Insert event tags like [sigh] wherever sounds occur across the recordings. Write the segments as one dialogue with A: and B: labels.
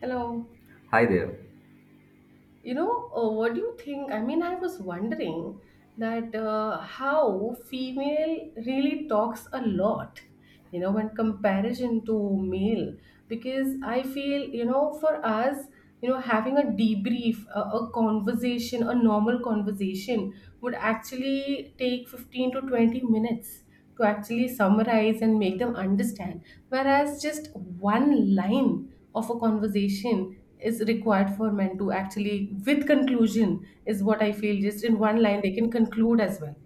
A: Hello.
B: Hi there.
A: What do you think? I was wondering that how female really talks a lot, you know, when comparison to male, because I feel, you know, for us, you know, having a debrief, a conversation, a normal conversation would actually take 15 to 20 minutes to actually summarize and make them understand. Whereas just one line of a conversation is required for men to actually, with conclusion, is what I feel. Just in one line, they can conclude as well.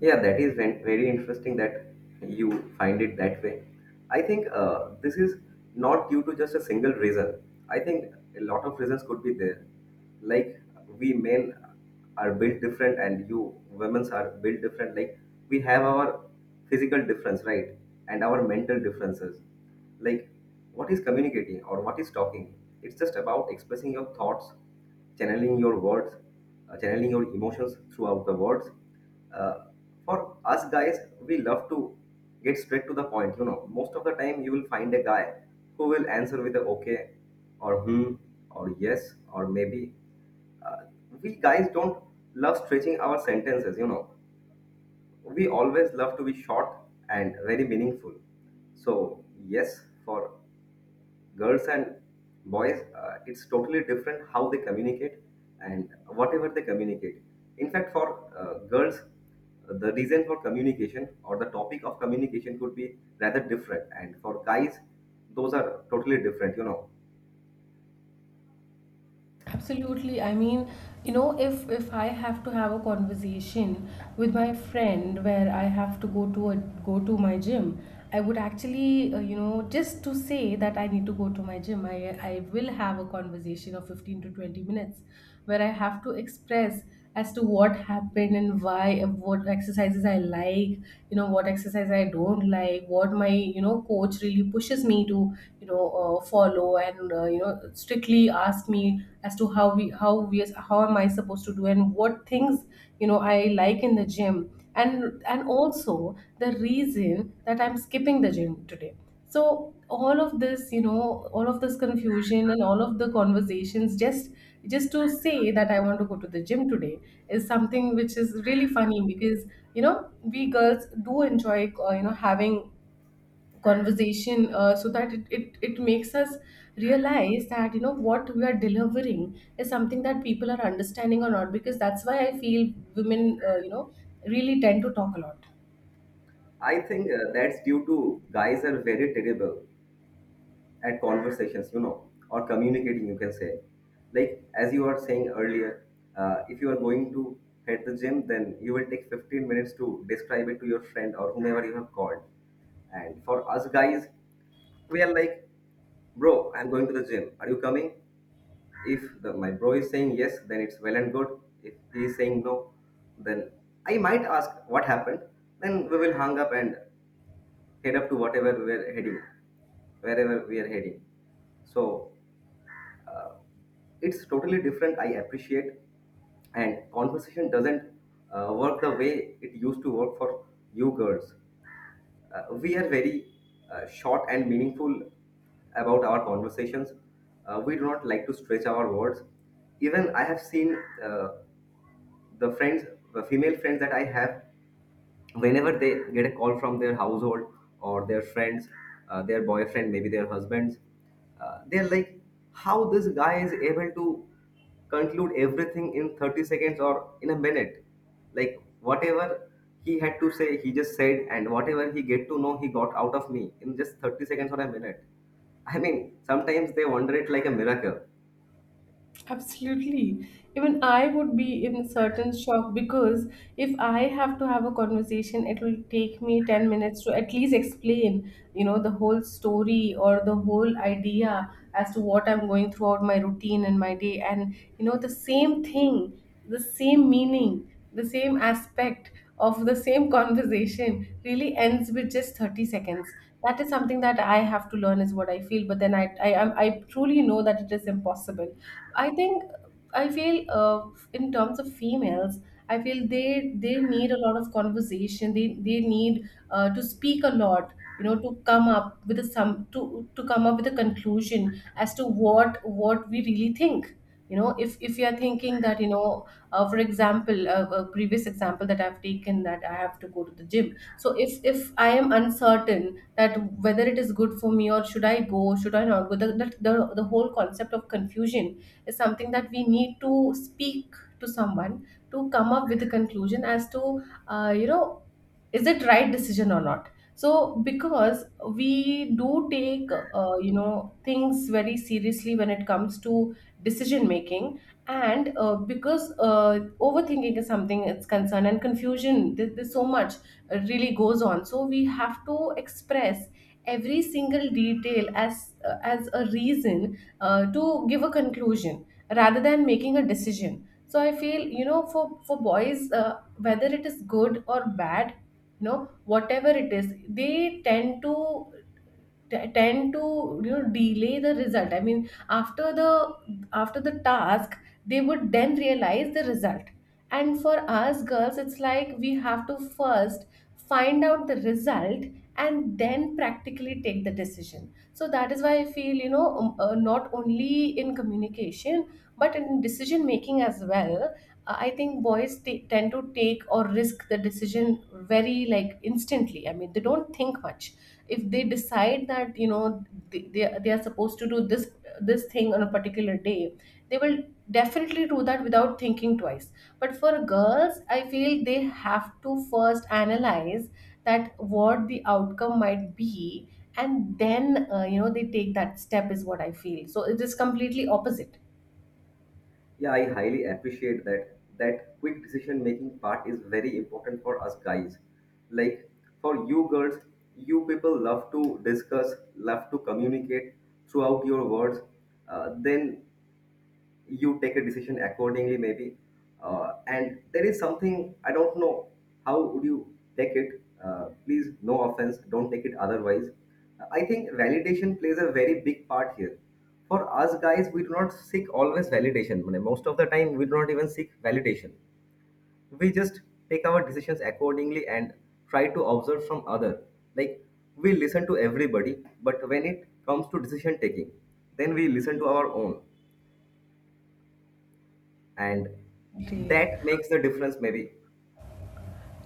B: Yeah, that is very interesting that you find it that way. I think this is not due to just a single reason. I think a lot of reasons could be there. Like, we men are built different and you women's are built different. Like, we have our physical difference, right? And our mental differences. Like, what is communicating or what is talking? It's just about expressing your thoughts, channeling your words, channeling your emotions throughout the words. uh, for us guys, we love to get straight to the point. Most of the time you will find a guy who will answer with a okay or hmm or yes or maybe. uh, we guys don't love stretching our sentences. We always love to be short and very meaningful. So yes, for girls and boys, it's totally different how they communicate and whatever they communicate. In fact, for girls, the reason for communication or the topic of communication could be rather different, and for guys, those are totally different.
A: Absolutely. You know, if I have to have a conversation with my friend where I have to go to my gym, I would actually, you know, just to say that I need to go to my gym, I will have a conversation of 15 to 20 minutes where I have to express as to what happened and why what exercises I like, you know, what exercise I don't like, what my, you know, coach really pushes me to, you know, follow, and you know, strictly ask me as to how am I supposed to do and what things, you know, I like in the gym, and also the reason that I'm skipping the gym today. So all of this, you know, all of this confusion and all of the conversations, just to say that I want to go to the gym today, is something which is really funny because, you know, we girls do enjoy, you know, having conversation, so that it makes us realize that, you know, what we are delivering is something that people are understanding or not, because that's why I feel women, you know, really tend to talk a lot.
B: I think that's due to guys are very terrible at conversations, or communicating, you can say. Like, as you were saying earlier, if you are going to hit the gym, then you will take 15 minutes to describe it to your friend or whomever you have called. And for us guys, we are like, bro, I'm going to the gym. Are you coming? If my bro is saying yes, then it's well and good. If he is saying no, then I might ask what happened. Then we will hang up and head up to whatever we are heading, wherever we are heading. So it's totally different. I appreciate, and conversation doesn't work the way it used to work for you girls. We are very short and meaningful about our conversations. We do not like to stretch our words. Even I have seen uh, the friends, the female friends that I have, whenever they get a call from their household or their friends, their boyfriend, maybe their husbands, they're like, how this guy is able to conclude everything in 30 seconds or in a minute. Like, whatever he had to say he just said, and whatever he get to know he got out of me in just 30 seconds or a minute. I mean, sometimes they wonder it like a miracle.
A: Absolutely. Even I would be in certain shock because if I have to have a conversation, it will take me 10 minutes to at least explain, you know, the whole story or the whole idea as to what I'm going throughout my routine and my day. And, you know, the same thing, the same meaning, the same aspect of the same conversation really ends with just 30 seconds. That is something that I have to learn, is what I feel. But then I truly know that it is impossible. I think I feel, in terms of females, I feel they need a lot of conversation. They need, to speak a lot. You know, to come up with a conclusion as to what we really think. You know, if you are thinking that, you know, for example, a previous example that I've taken, that I have to go to the gym. So if I am uncertain that whether it is good for me or should I go, should I not go, the whole concept of confusion is something that we need to speak to someone to come up with a conclusion as to, you know, is it right decision or not. So because we do take, you know, things very seriously when it comes to decision making. And because overthinking is something, it's concerned, and confusion, there's so much really goes on, so we have to express every single detail as, as a reason, to give a conclusion rather than making a decision. So I feel, you know, for boys, whether it is good or bad, you know, whatever it is, they tend to t- tend to you know, delay the result. I mean, after the task, they would then realize the result. And for us girls, it's like we have to first find out the result and then practically take the decision. So that is why I feel, you know, not only in communication, but in decision making as well. I think boys tend to take or risk the decision very, like, instantly. I mean, they don't think much. If they decide that, you know, they are supposed to do this thing on a particular day, they will definitely do that without thinking twice. But for girls, I feel they have to first analyze that what the outcome might be, and then, you know, they take that step is what I feel. So it is completely opposite.
B: Yeah, I highly appreciate that. That quick decision making part is very important for us guys. Like, for you girls, you people love to discuss, love to communicate throughout your words. Then you take a decision accordingly, maybe. And there is something, I don't know how would you take it, please no offense, don't take it otherwise. I think validation plays a very big part here. For us guys, we do not seek always validation. I Most of the time we do not even seek validation. We just take our decisions accordingly and try to observe from other. Like, we listen to everybody, but when it comes to decision taking, then we listen to our own, and
A: Great.
B: that makes the difference maybe.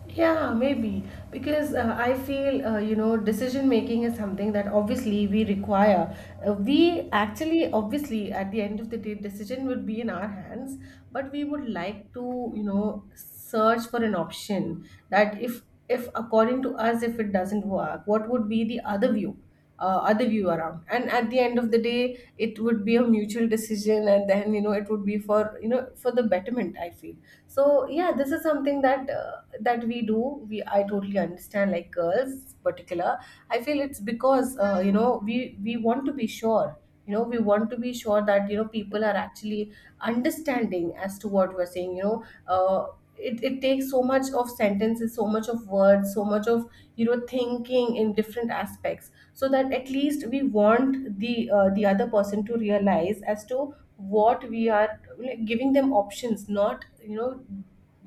A: Yeah, maybe, because I feel, you know, decision making is something that obviously we require. We actually obviously at the end of the day decision would be in our hands, but we would like to, you know, search for an option that if according to us if it doesn't work, what would be the other view? Other view around, and at the end of the day it would be a mutual decision, and then, you know, it would be for, you know, for the betterment, I feel. So yeah, this is something that, that we do, we I totally understand, like girls particular, I feel it's because, you know, we want to be sure, you know, we want to be sure that, you know, people are actually understanding as to what we're saying. You know, it takes so much of sentences, so much of words, so much of, you know, thinking in different aspects, so that at least we want the, the other person to realize as to what we are, like, giving them options, not, you know,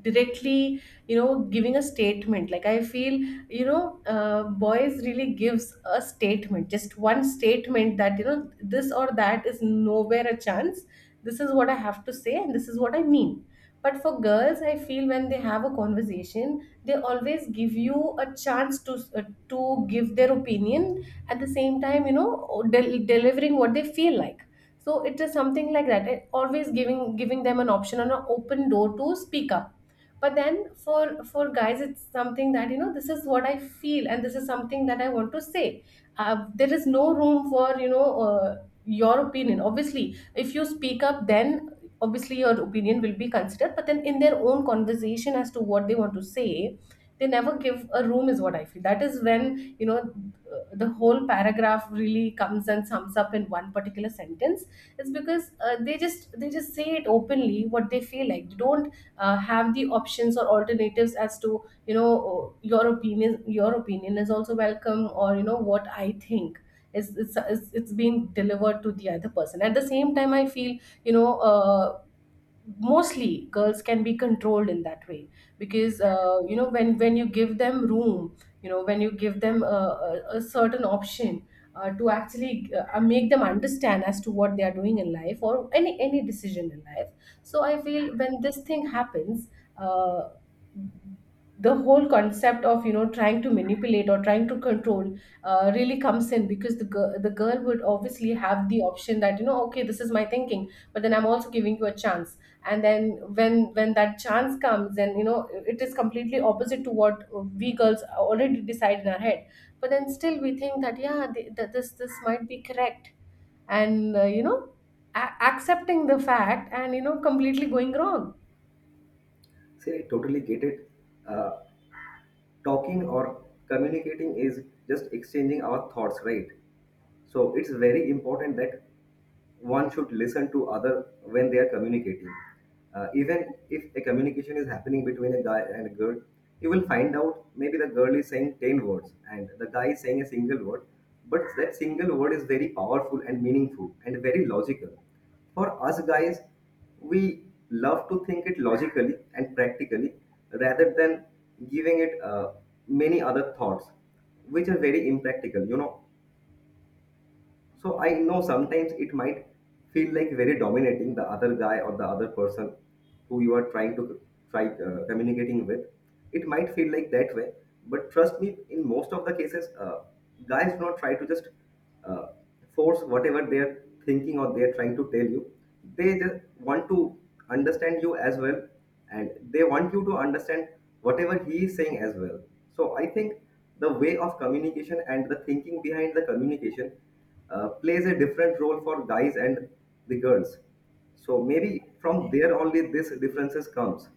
A: directly, you know, giving a statement. Like I feel, you know, boys really gives a statement, just one statement, that you know, this or that is nowhere a chance, this is what I have to say and this is what I mean. But for girls, I feel when they have a conversation, they always give you a chance to, to give their opinion at the same time, you know, delivering what they feel like. So it is something like that. Always giving them an option and an open door to speak up. But then for guys, it's something that, you know, this is what I feel and this is something that I want to say. There is no room for, you know, your opinion. Obviously, if you speak up, then obviously your opinion will be considered, but then in their own conversation as to what they want to say, they never give a room is what I feel. That is when, you know, the whole paragraph really comes and sums up in one particular sentence. It's because, they just say it openly what they feel like. They don't, have the options or alternatives as to, you know, your opinion is also welcome, or, you know, what I think is, it's being delivered to the other person at the same time, I feel. You know, mostly girls can be controlled in that way, because, you know, when you give them room, you know, when you give them a certain option, to actually, make them understand as to what they are doing in life, or any decision in life. So I feel when this thing happens, uh, the whole concept of, you know, trying to manipulate or trying to control, really comes in, because the girl would obviously have the option that, you know, okay, this is my thinking, but then I'm also giving you a chance. And then when that chance comes, then, you know, it is completely opposite to what we girls already decide in our head. But then still we think that, yeah, this might be correct, and, you know, accepting the fact and, you know, completely going wrong.
B: See, I totally get it. uh, Talking or communicating is just exchanging our thoughts, right? So it's very important that one should listen to other when they are communicating. Even if a communication is happening between a guy and a girl, you will find out maybe the girl is saying 10 words and the guy is saying a single word, but that single word is very powerful and meaningful and very logical. For us guys, we love to think it logically and practically, rather than giving it many other thoughts which are very impractical. So I know sometimes it might feel like very dominating the other guy or the other person who you are trying to try communicating with. It might feel like that way, but trust me, in most of the cases, guys do not try to just uh, force whatever they are thinking or they are trying to tell you. They just want to understand you as well, and they want you to understand whatever he is saying as well. So I think the way of communication and the thinking behind the communication plays a different role for guys and the girls. So maybe from there only this differences comes.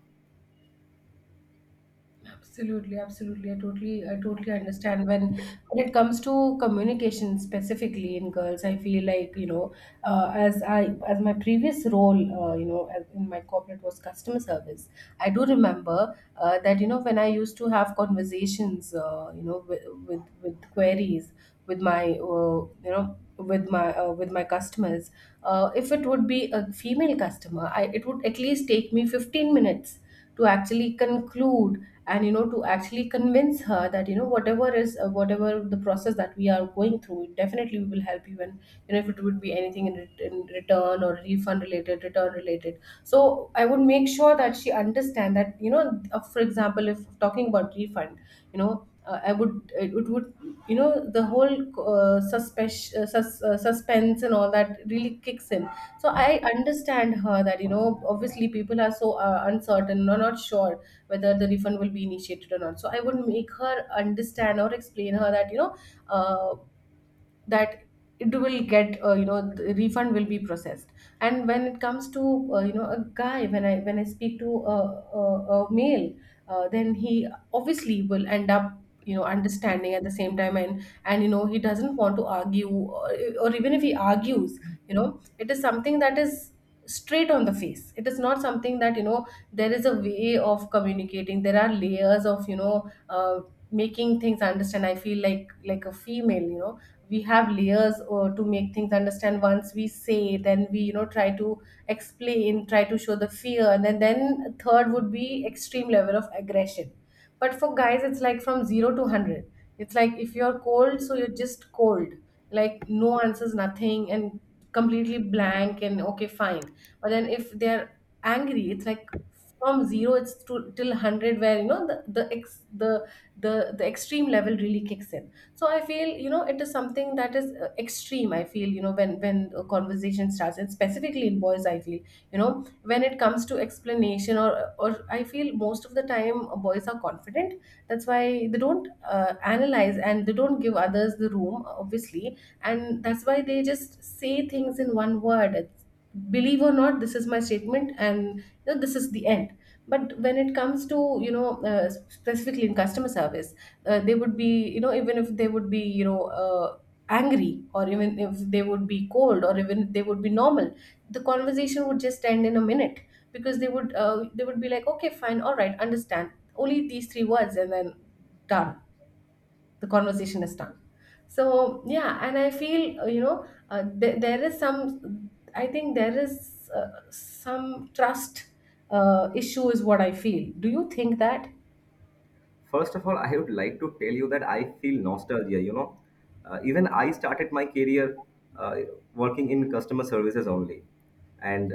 A: Absolutely, absolutely. I totally understand when it comes to communication specifically in girls. I feel like, you know, as I, as my previous role, you know, in my corporate was customer service. I do remember that, you know, when I used to have conversations, you know, with, with queries with my, uh, you know, with my, with my customers. If it would be a female customer, I it would at least take me 15 minutes to actually conclude, and you know, to actually convince her that, you know, whatever is whatever the process that we are going through, definitely we will help you. And you know, if it would be anything in, in return or refund related, return related, so I would make sure that she understand that, you know, for example, if talking about refund, you know, I would, it would you know, the whole suspense suspense and all that really kicks in. So I understand her that, you know, obviously people are so uncertain or not sure whether the refund will be initiated or not. So I would make her understand or explain her that, you know, uh, that it will get you know, the refund will be processed. And when it comes to you know, a guy, when I speak to a, a male, then he obviously will end up, you know, understanding at the same time. And you know, he doesn't want to argue, or even if he argues, you know, it is something that is straight on the face. It is not something that, you know, there is a way of communicating. There are layers of, you know, making things understand. I feel like a female, you know, we have layers to make things understand. Once we say, then we, you know, try to explain, try to show the fear, and then third would be extreme level of aggression. But for guys, it's like from 0 to 100. It's like if you're cold, so you're just cold, like no answers, nothing, and completely blank, and okay, fine. But then if they're angry, it's like from zero it's to till 100, where you know the ex the extreme level really kicks in. So I feel, you know, it is something that is extreme. I feel, you know, when a conversation starts and specifically in boys, I feel, you know, when it comes to explanation, or I feel most of the time boys are confident. That's why they don't analyze, and they don't give others the room, obviously. And that's why they just say things in one word. Believe or not, this is my statement, and you know, this is the end. But when it comes to, you know, specifically in customer service, they would be, you know, even if they would be, you know, angry, or even if they would be cold, or even they would be normal, the conversation would just end in a minute, because they would be like, okay, fine, all right, understand, only these three words, and then done. The conversation is done. So yeah, and I feel you know, there is some, I think there is some trust issue is what I feel. Do you think that?
B: First of all, I would like to tell you that I feel nostalgia. Even I started my career uh, working in customer services only. And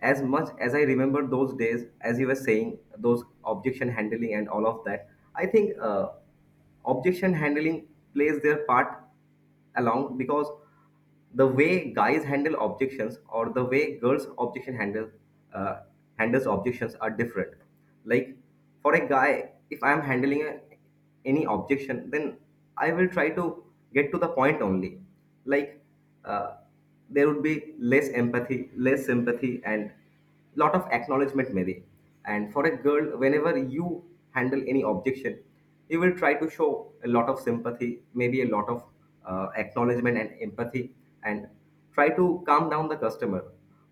B: as much as I remember those days, as you were saying, those objection handling and all of that, I think objection handling plays their part along, because the way guys handle objections or the way girls objection handle uh, handles objections are different. Like, for a guy, if I'm handling any objection, then I will try to get to the point only. Like, uh, there would be less empathy, less sympathy, and lot of acknowledgement, maybe. And for a girl, whenever you handle any objection, you will try to show a lot of sympathy, maybe a lot of acknowledgement and empathy, and try to calm down the customer,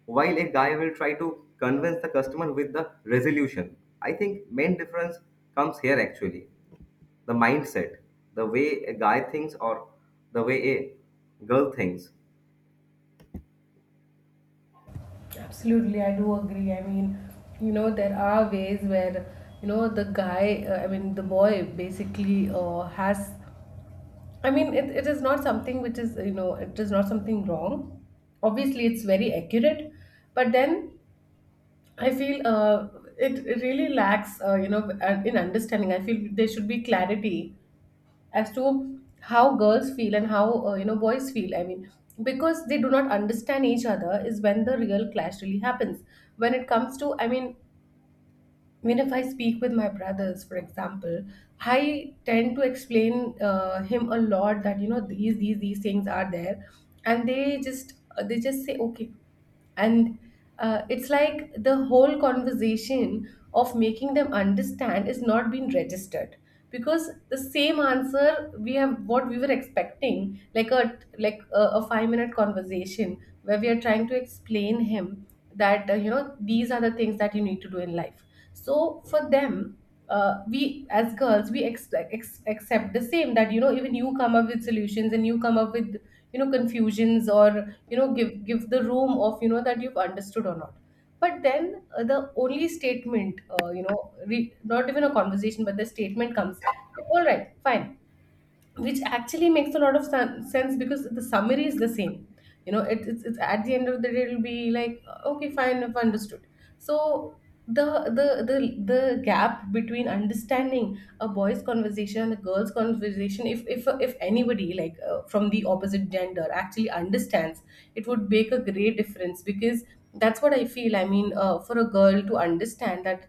B: while a guy will try to convince the customer with the resolution. I think main difference comes here actually. The mindset, the way a guy thinks or the way a girl thinks.
A: Absolutely, I do agree. I mean, you know, there are ways where, you know, the guy, I mean, the boy basically I mean, it is not something which is, you know, it is not something wrong. Obviously, it's very accurate, but then I feel it really lacks, you know, in understanding. I feel there should be clarity as to how girls feel and how, you know, boys feel. I mean, because they do not understand each other is when the real clash really happens. When it comes to, I mean, when if I speak with my brothers, for example, I tend to explain him a lot that, you know, these things are there, and they just say okay. And it's like the whole conversation of making them understand is not being registered, because the same answer we have what we were expecting, like a like a 5-minute conversation where we are trying to explain him that, you know, these are the things that you need to do in life. So for them, we as girls, we expect, accept the same, that you know, even you come up with solutions, and you come up with, you know, confusions, or you know, give the room of, you know, that you've understood or not. But then the only statement, you know, not even a conversation, but the statement comes all right, fine, which actually makes a lot of sense, because the summary is the same. You know, it's at the end of the day, it'll be like, okay, fine, I've understood. So the gap between understanding a boy's conversation and a girl's conversation, if anybody like, from the opposite gender actually understands, it would make a great difference. Because that's what I feel. I mean, for a girl to understand that,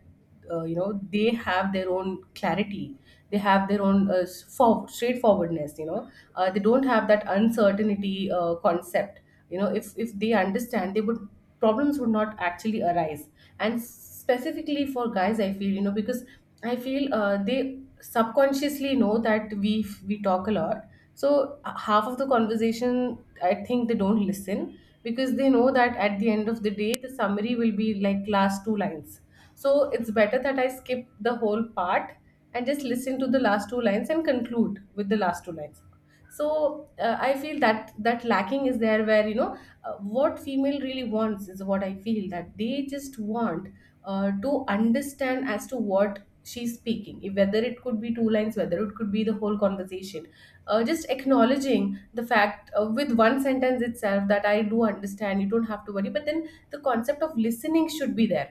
A: you know, they have their own clarity, they have their own straightforwardness, you know, they don't have that uncertainty concept. You know, if they understand, they would, problems would not actually arise. And specifically for guys, I feel, you know, because I feel they subconsciously know that we talk a lot. So half of the conversation, I think they don't listen, because they know that at the end of the day the summary will be like last two lines. So it's better that I skip the whole part and just listen to the last two lines and conclude with the last two lines. So I feel that that lacking is there, where you know, what female really wants is what I feel, that they just want to understand as to what she's speaking, if whether it could be two lines, whether it could be the whole conversation, just acknowledging the fact, with one sentence itself, that I do understand, you don't have to worry, but then the concept of listening should be there.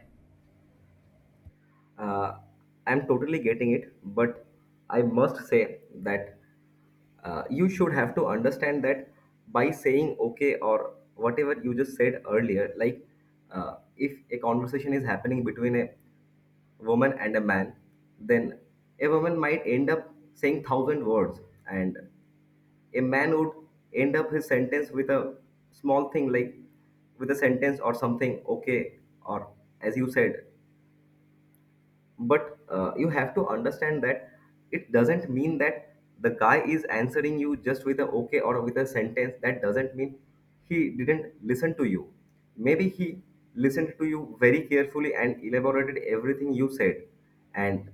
B: Uh, I'm totally getting it, but I must say that you should have to understand that by saying okay or whatever you just said earlier, like, if a conversation is happening between a woman and a man, then a woman might end up saying 1,000 words, and a man would end up his sentence with a small thing, like with a sentence or something, okay, or as you said. But you have to understand that it doesn't mean that the guy is answering you just with a okay or with a sentence. That doesn't mean he didn't listen to you. Maybe he listened to you very carefully and elaborated everything you said. And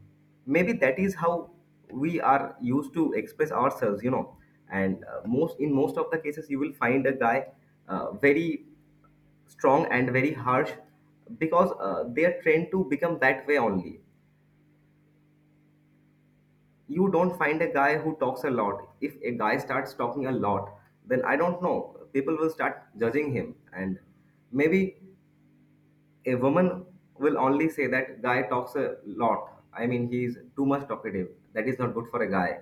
B: maybe that is how we are used to express ourselves. And most of the cases you will find a guy very strong and very harsh, because they are trained to become that way only. You don't find a guy who talks a lot. If a guy starts talking a lot, then I don't know, people will start judging him. And maybe a woman will only say that guy talks a lot. I mean, he's too much talkative. That is not good for a guy.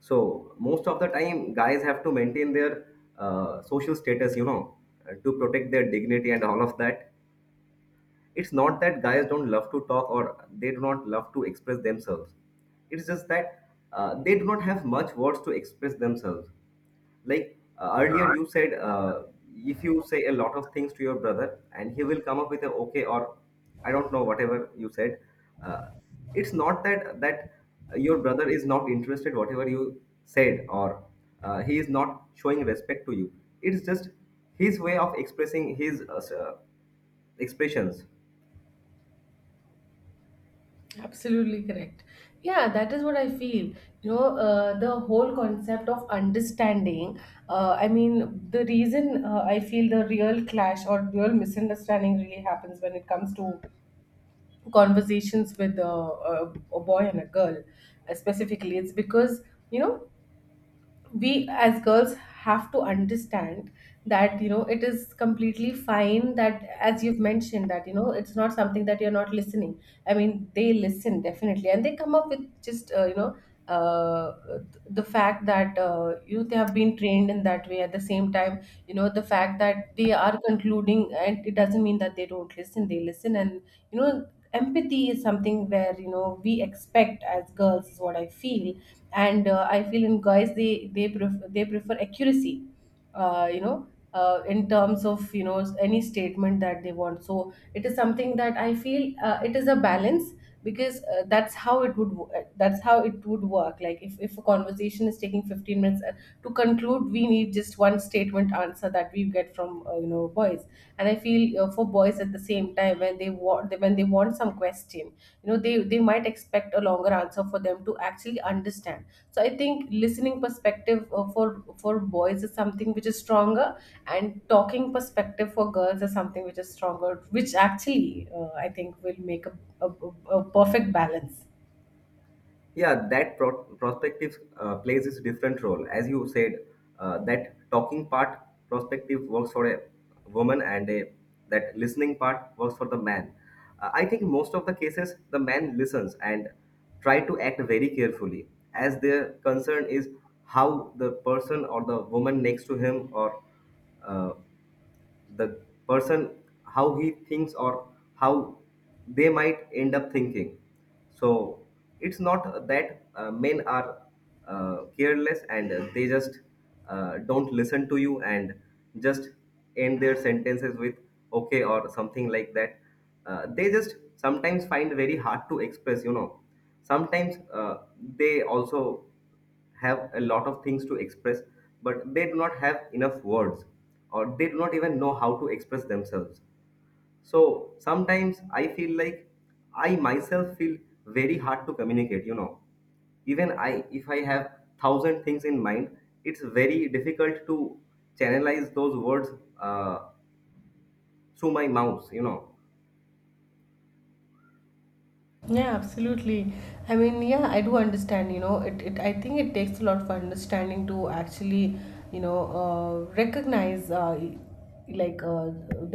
B: So, most of the time, guys have to maintain their social status, to protect their dignity and all of that. It's not that guys don't love to talk or they do not love to express themselves. It's just that they do not have much words to express themselves. Like, earlier you said, if you say a lot of things to your brother and he will come up with a okay or I don't know whatever you said. Uh, it's not that your brother is not interested whatever you said, or he is not showing respect to you. It's just his way of expressing his expressions.
A: Absolutely correct. Yeah, that is what I feel. You know, the whole concept of understanding. I mean, the reason, I feel the real clash or real misunderstanding really happens when it comes to conversations with a boy and a girl, specifically. It's because, you know, we as girls have to understand that, you know, it is completely fine, that as you've mentioned, that you know, it's not something that you're not listening. I mean, they listen, definitely, and they come up with just you know, uh, the fact that, you know, they have been trained in that way. At the same time, you know, the fact that they are concluding, and it doesn't mean that they don't listen. They listen, and you know, empathy is something where, you know, we expect as girls, is what I feel. And I feel in guys, they they prefer accuracy, you know, in terms of, you know, any statement that they want. So it is something that I feel, it is a balance, because that's how it would work, like if a conversation is taking 15 minutes to conclude, we need just one statement answer that we get from, you know, boys. And I feel, for boys at the same time, when they want, when they want some question, you know, they might expect a longer answer, for them to actually understand. So I think listening perspective for boys is something which is stronger, and talking perspective for girls is something which is stronger, which actually I think will make a, a perfect balance.
B: Yeah, that prospective plays is different role as you said. That talking part prospective works for a woman, and a that listening part works for the man. I think most of the cases the man listens and try to act very carefully, as their concern is how the person or the woman next to him or uh, the person, how he thinks or how they might end up thinking. So it's not that men are careless and they just don't listen to you and just end their sentences with okay or something like that. They just sometimes find very hard to express. Sometimes they also have a lot of things to express, but they do not have enough words or they do not even know how to express themselves. So sometimes I feel like I myself feel very hard to communicate. Even I, if I have 1,000 things in mind, it's very difficult to channelize those words uh, through my mouth.
A: Yeah, absolutely. I mean, yeah, I do understand. You know, it, I think it takes a lot for understanding to actually, you know, recognize, like uh,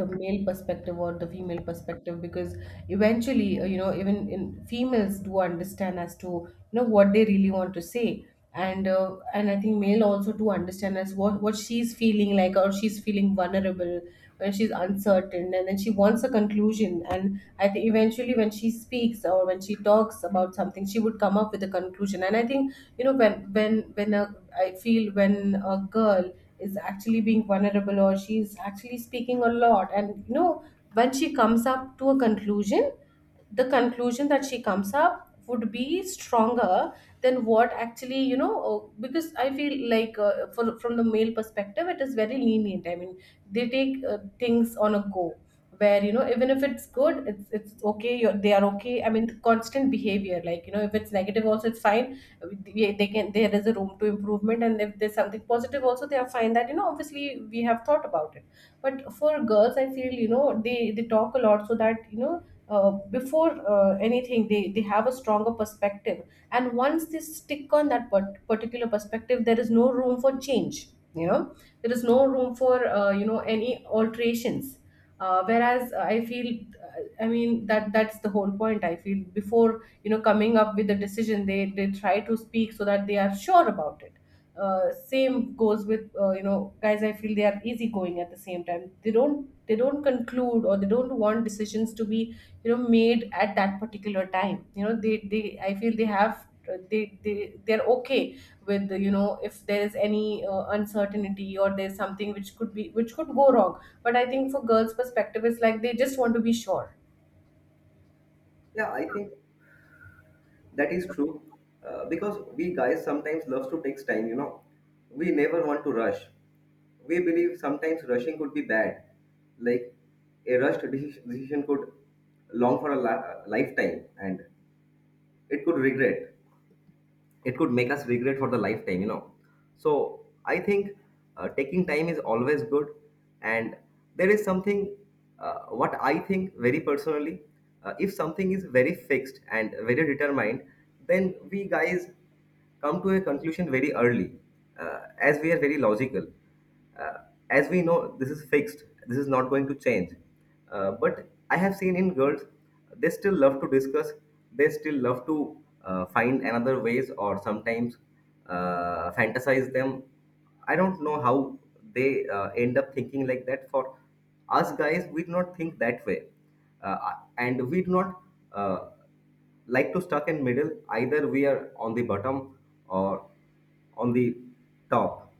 A: the male perspective or the female perspective, because eventually, you know, even in females do understand as to, you know, what they really want to say. And and I think male also, to understand as what she's feeling like, or she's feeling vulnerable when she's uncertain, and then she wants a conclusion. And I think eventually, when she speaks or when she talks about something, she would come up with a conclusion. And I think, you know, when a, I feel when a girl is actually being vulnerable, or she's actually speaking a lot, and you know, when she comes up to a conclusion, the conclusion that she comes up would be stronger than what actually, you know, because I feel like, from the male perspective, it is very lenient. I mean, they take things on a go, where you know, even if it's good, it's okay, they are okay. I mean, the constant behavior, like you know, if it's negative also, it's fine. They can there is a room to improvement. And if there's something positive also, they are fine, that you know, obviously we have thought about it. But for girls, I feel, you know, they talk a lot, so that you know, before anything, they have a stronger perspective. And once they stick on that particular perspective. There is no room for change, you know, there is no room for you know, any alterations. Whereas, I feel, I mean, that's the whole point. I feel before, you know, coming up with the decision, they try to speak so that they are sure about it. Same goes with, you know, guys. I feel they are easygoing. At the same time, they don't conclude, or they don't want decisions to be, you know, made at that particular time. You know, they I feel they're okay with, you know, if there is any uncertainty, or there's something which could go wrong. But I think for girls perspective, it's like they just want to be sure.
B: Yeah, I think that is true, because we guys sometimes love to take time. We never want to rush. We believe sometimes rushing could be bad. Like a rushed decision could long for a lifetime, and it could regret, it could make us regret for the lifetime. So I think taking time is always good. And there is something what I think very personally. If something is very fixed and very determined, then we guys come to a conclusion very early, as we are very logical. Uh, as we know, this is fixed, this is not going to change. But I have seen in girls, they still love to discuss, they still love to find another ways, or sometimes fantasize them. I don't know how they end up thinking like that. For us guys, we do not think that way. And we do not. Uh, like to stuck in middle, either we are on the bottom or on the top.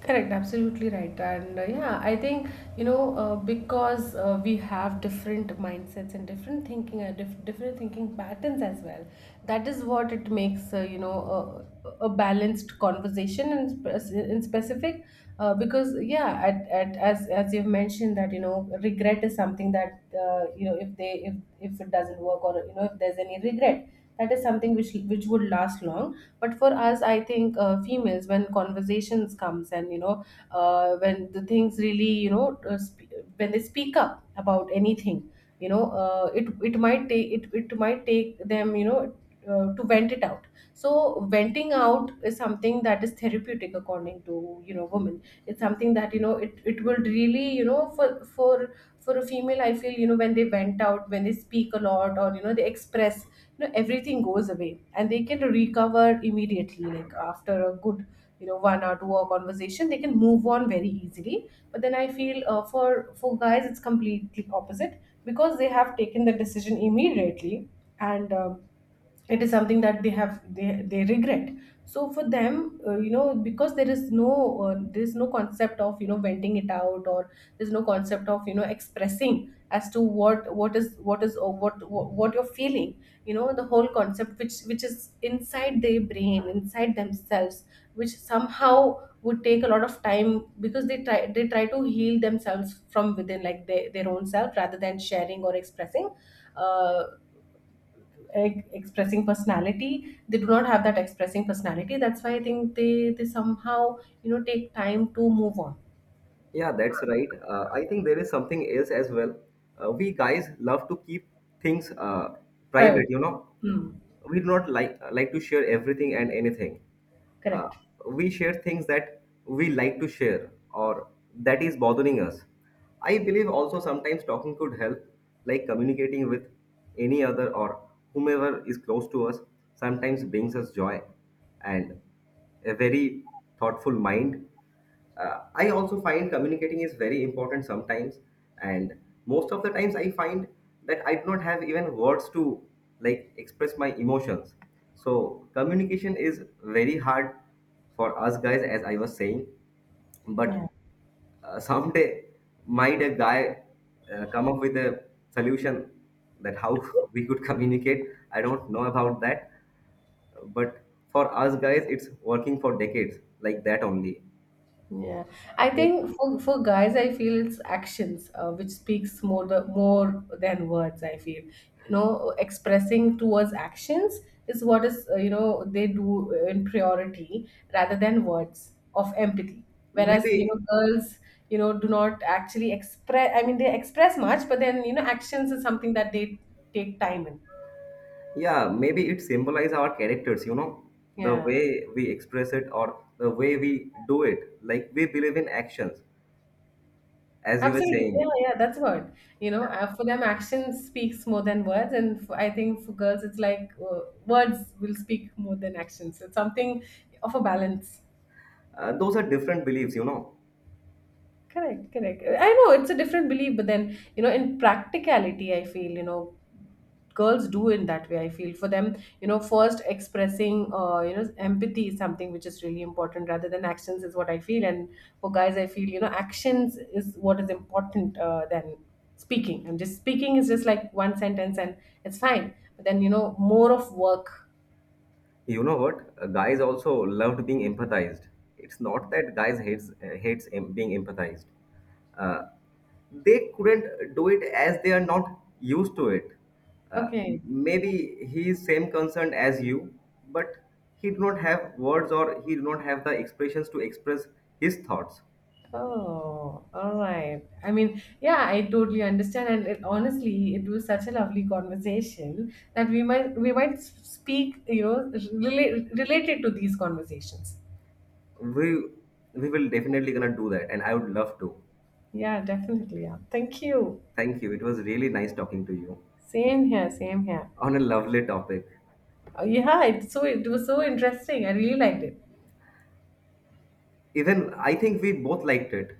A: Correct, absolutely right. And yeah, I think, you know, because we have different mindsets and different thinking, different thinking patterns as well, that is what it makes, you know, a balanced conversation in specific. Because, yeah, as you've mentioned that, you know, regret is something that, you know, if they, if it doesn't work, or, you know, if there's any regret, that is something which would last long. But for us, I think, females, when conversations comes, and, you know, when the things really, you know, when they speak up about anything, you know, it might take them, you know, to vent it out. So venting out is something that is therapeutic according to, you know, women. It's something that, you know, it will really, you know, for a female, I feel, you know, when they vent out, when they speak a lot, or, you know, they express, you know, everything goes away and they can recover immediately, like after a good, you know, 1 or 2 hour conversation, they can move on very easily. But then I feel, for guys, it's completely opposite because they have taken the decision immediately. And it is something that they regret. So for them, you know, because there is no concept of, you know, venting it out, or there's no concept of, you know, expressing as to what is or what you're feeling. You know, the whole concept which is inside their brain, inside themselves, which somehow would take a lot of time because they try to heal themselves from within, like their own self, rather than sharing or expressing. Uh, Expressing personality, they do not have that expressing personality. That's why I think they somehow, you know, take time to move on.
B: Yeah, that's right. I think there is something else as well. We guys love to keep things
A: Private.
B: private.
A: Hmm.
B: We do not like to share everything and anything. Uh,
A: Correct.
B: we share things that we like to share or that is bothering us. I believe also sometimes talking could help, like communicating with any other or whomever is close to us sometimes brings us joy and a very thoughtful mind. I also find communicating is very important sometimes. And most of the times I find that I do not have even words to like express my emotions. So communication is very hard for us guys, as I was saying. But
A: Yeah.
B: someday might a guy come up with a solution that how [laughs] we could communicate. I don't know about that, but for us guys it's working for decades like that only.
A: Yeah, I
B: Like,
A: think for guys, I feel it's actions, which speaks more more than words. I feel, you know, expressing towards actions is what is, you know, they do in priority rather than words of empathy. Whereas, you know,
B: maybe.
A: girls, you know, do not actually express. I mean, they express much, but then, you know, actions is something that they take time in.
B: Yeah, maybe it symbolizes our characters, the
A: Yeah.
B: way we express it or the way we do it. Like, we believe in actions, as you were
A: Absolutely.
B: saying.
A: Yeah, yeah, that's what. You know,
B: Yeah,
A: for them, action speaks more than words. And I think for girls, it's like, words will speak more than actions. It's something of a balance.
B: those are different beliefs.
A: Correct, correct. I know it's a different belief, but then, you know, in practicality, I feel, you know, girls do in that way. I feel for them, you know, first expressing, you know, empathy is something which is really important, rather than actions, is what I feel. And for guys, I feel, you know, actions is what is important, than speaking. And just speaking is just like one sentence, and it's fine, but then, you know, more of work.
B: You know what? Guys also loved being empathized. It's not that guys hates being empathized. Uh, they couldn't do it as they are not used to it. Uh,
A: Okay.
B: Maybe he is same concerned as you, but he do not have words or he do not have the expressions to express his thoughts.
A: Oh, all right. I mean, yeah, I totally understand. And honestly, it was such a lovely conversation that speak, you know, related to these conversations.
B: We we will definitely gonna do that, and I would love to.
A: Yeah, definitely. Yeah, thank you.
B: Thank you. It was really nice talking to you
A: Same here. Same here.
B: on a lovely topic.
A: Oh, yeah, so it was so interesting. I really liked it.
B: Even I think we both liked it.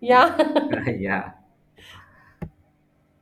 A: Yeah. [laughs]
B: [laughs] Yeah.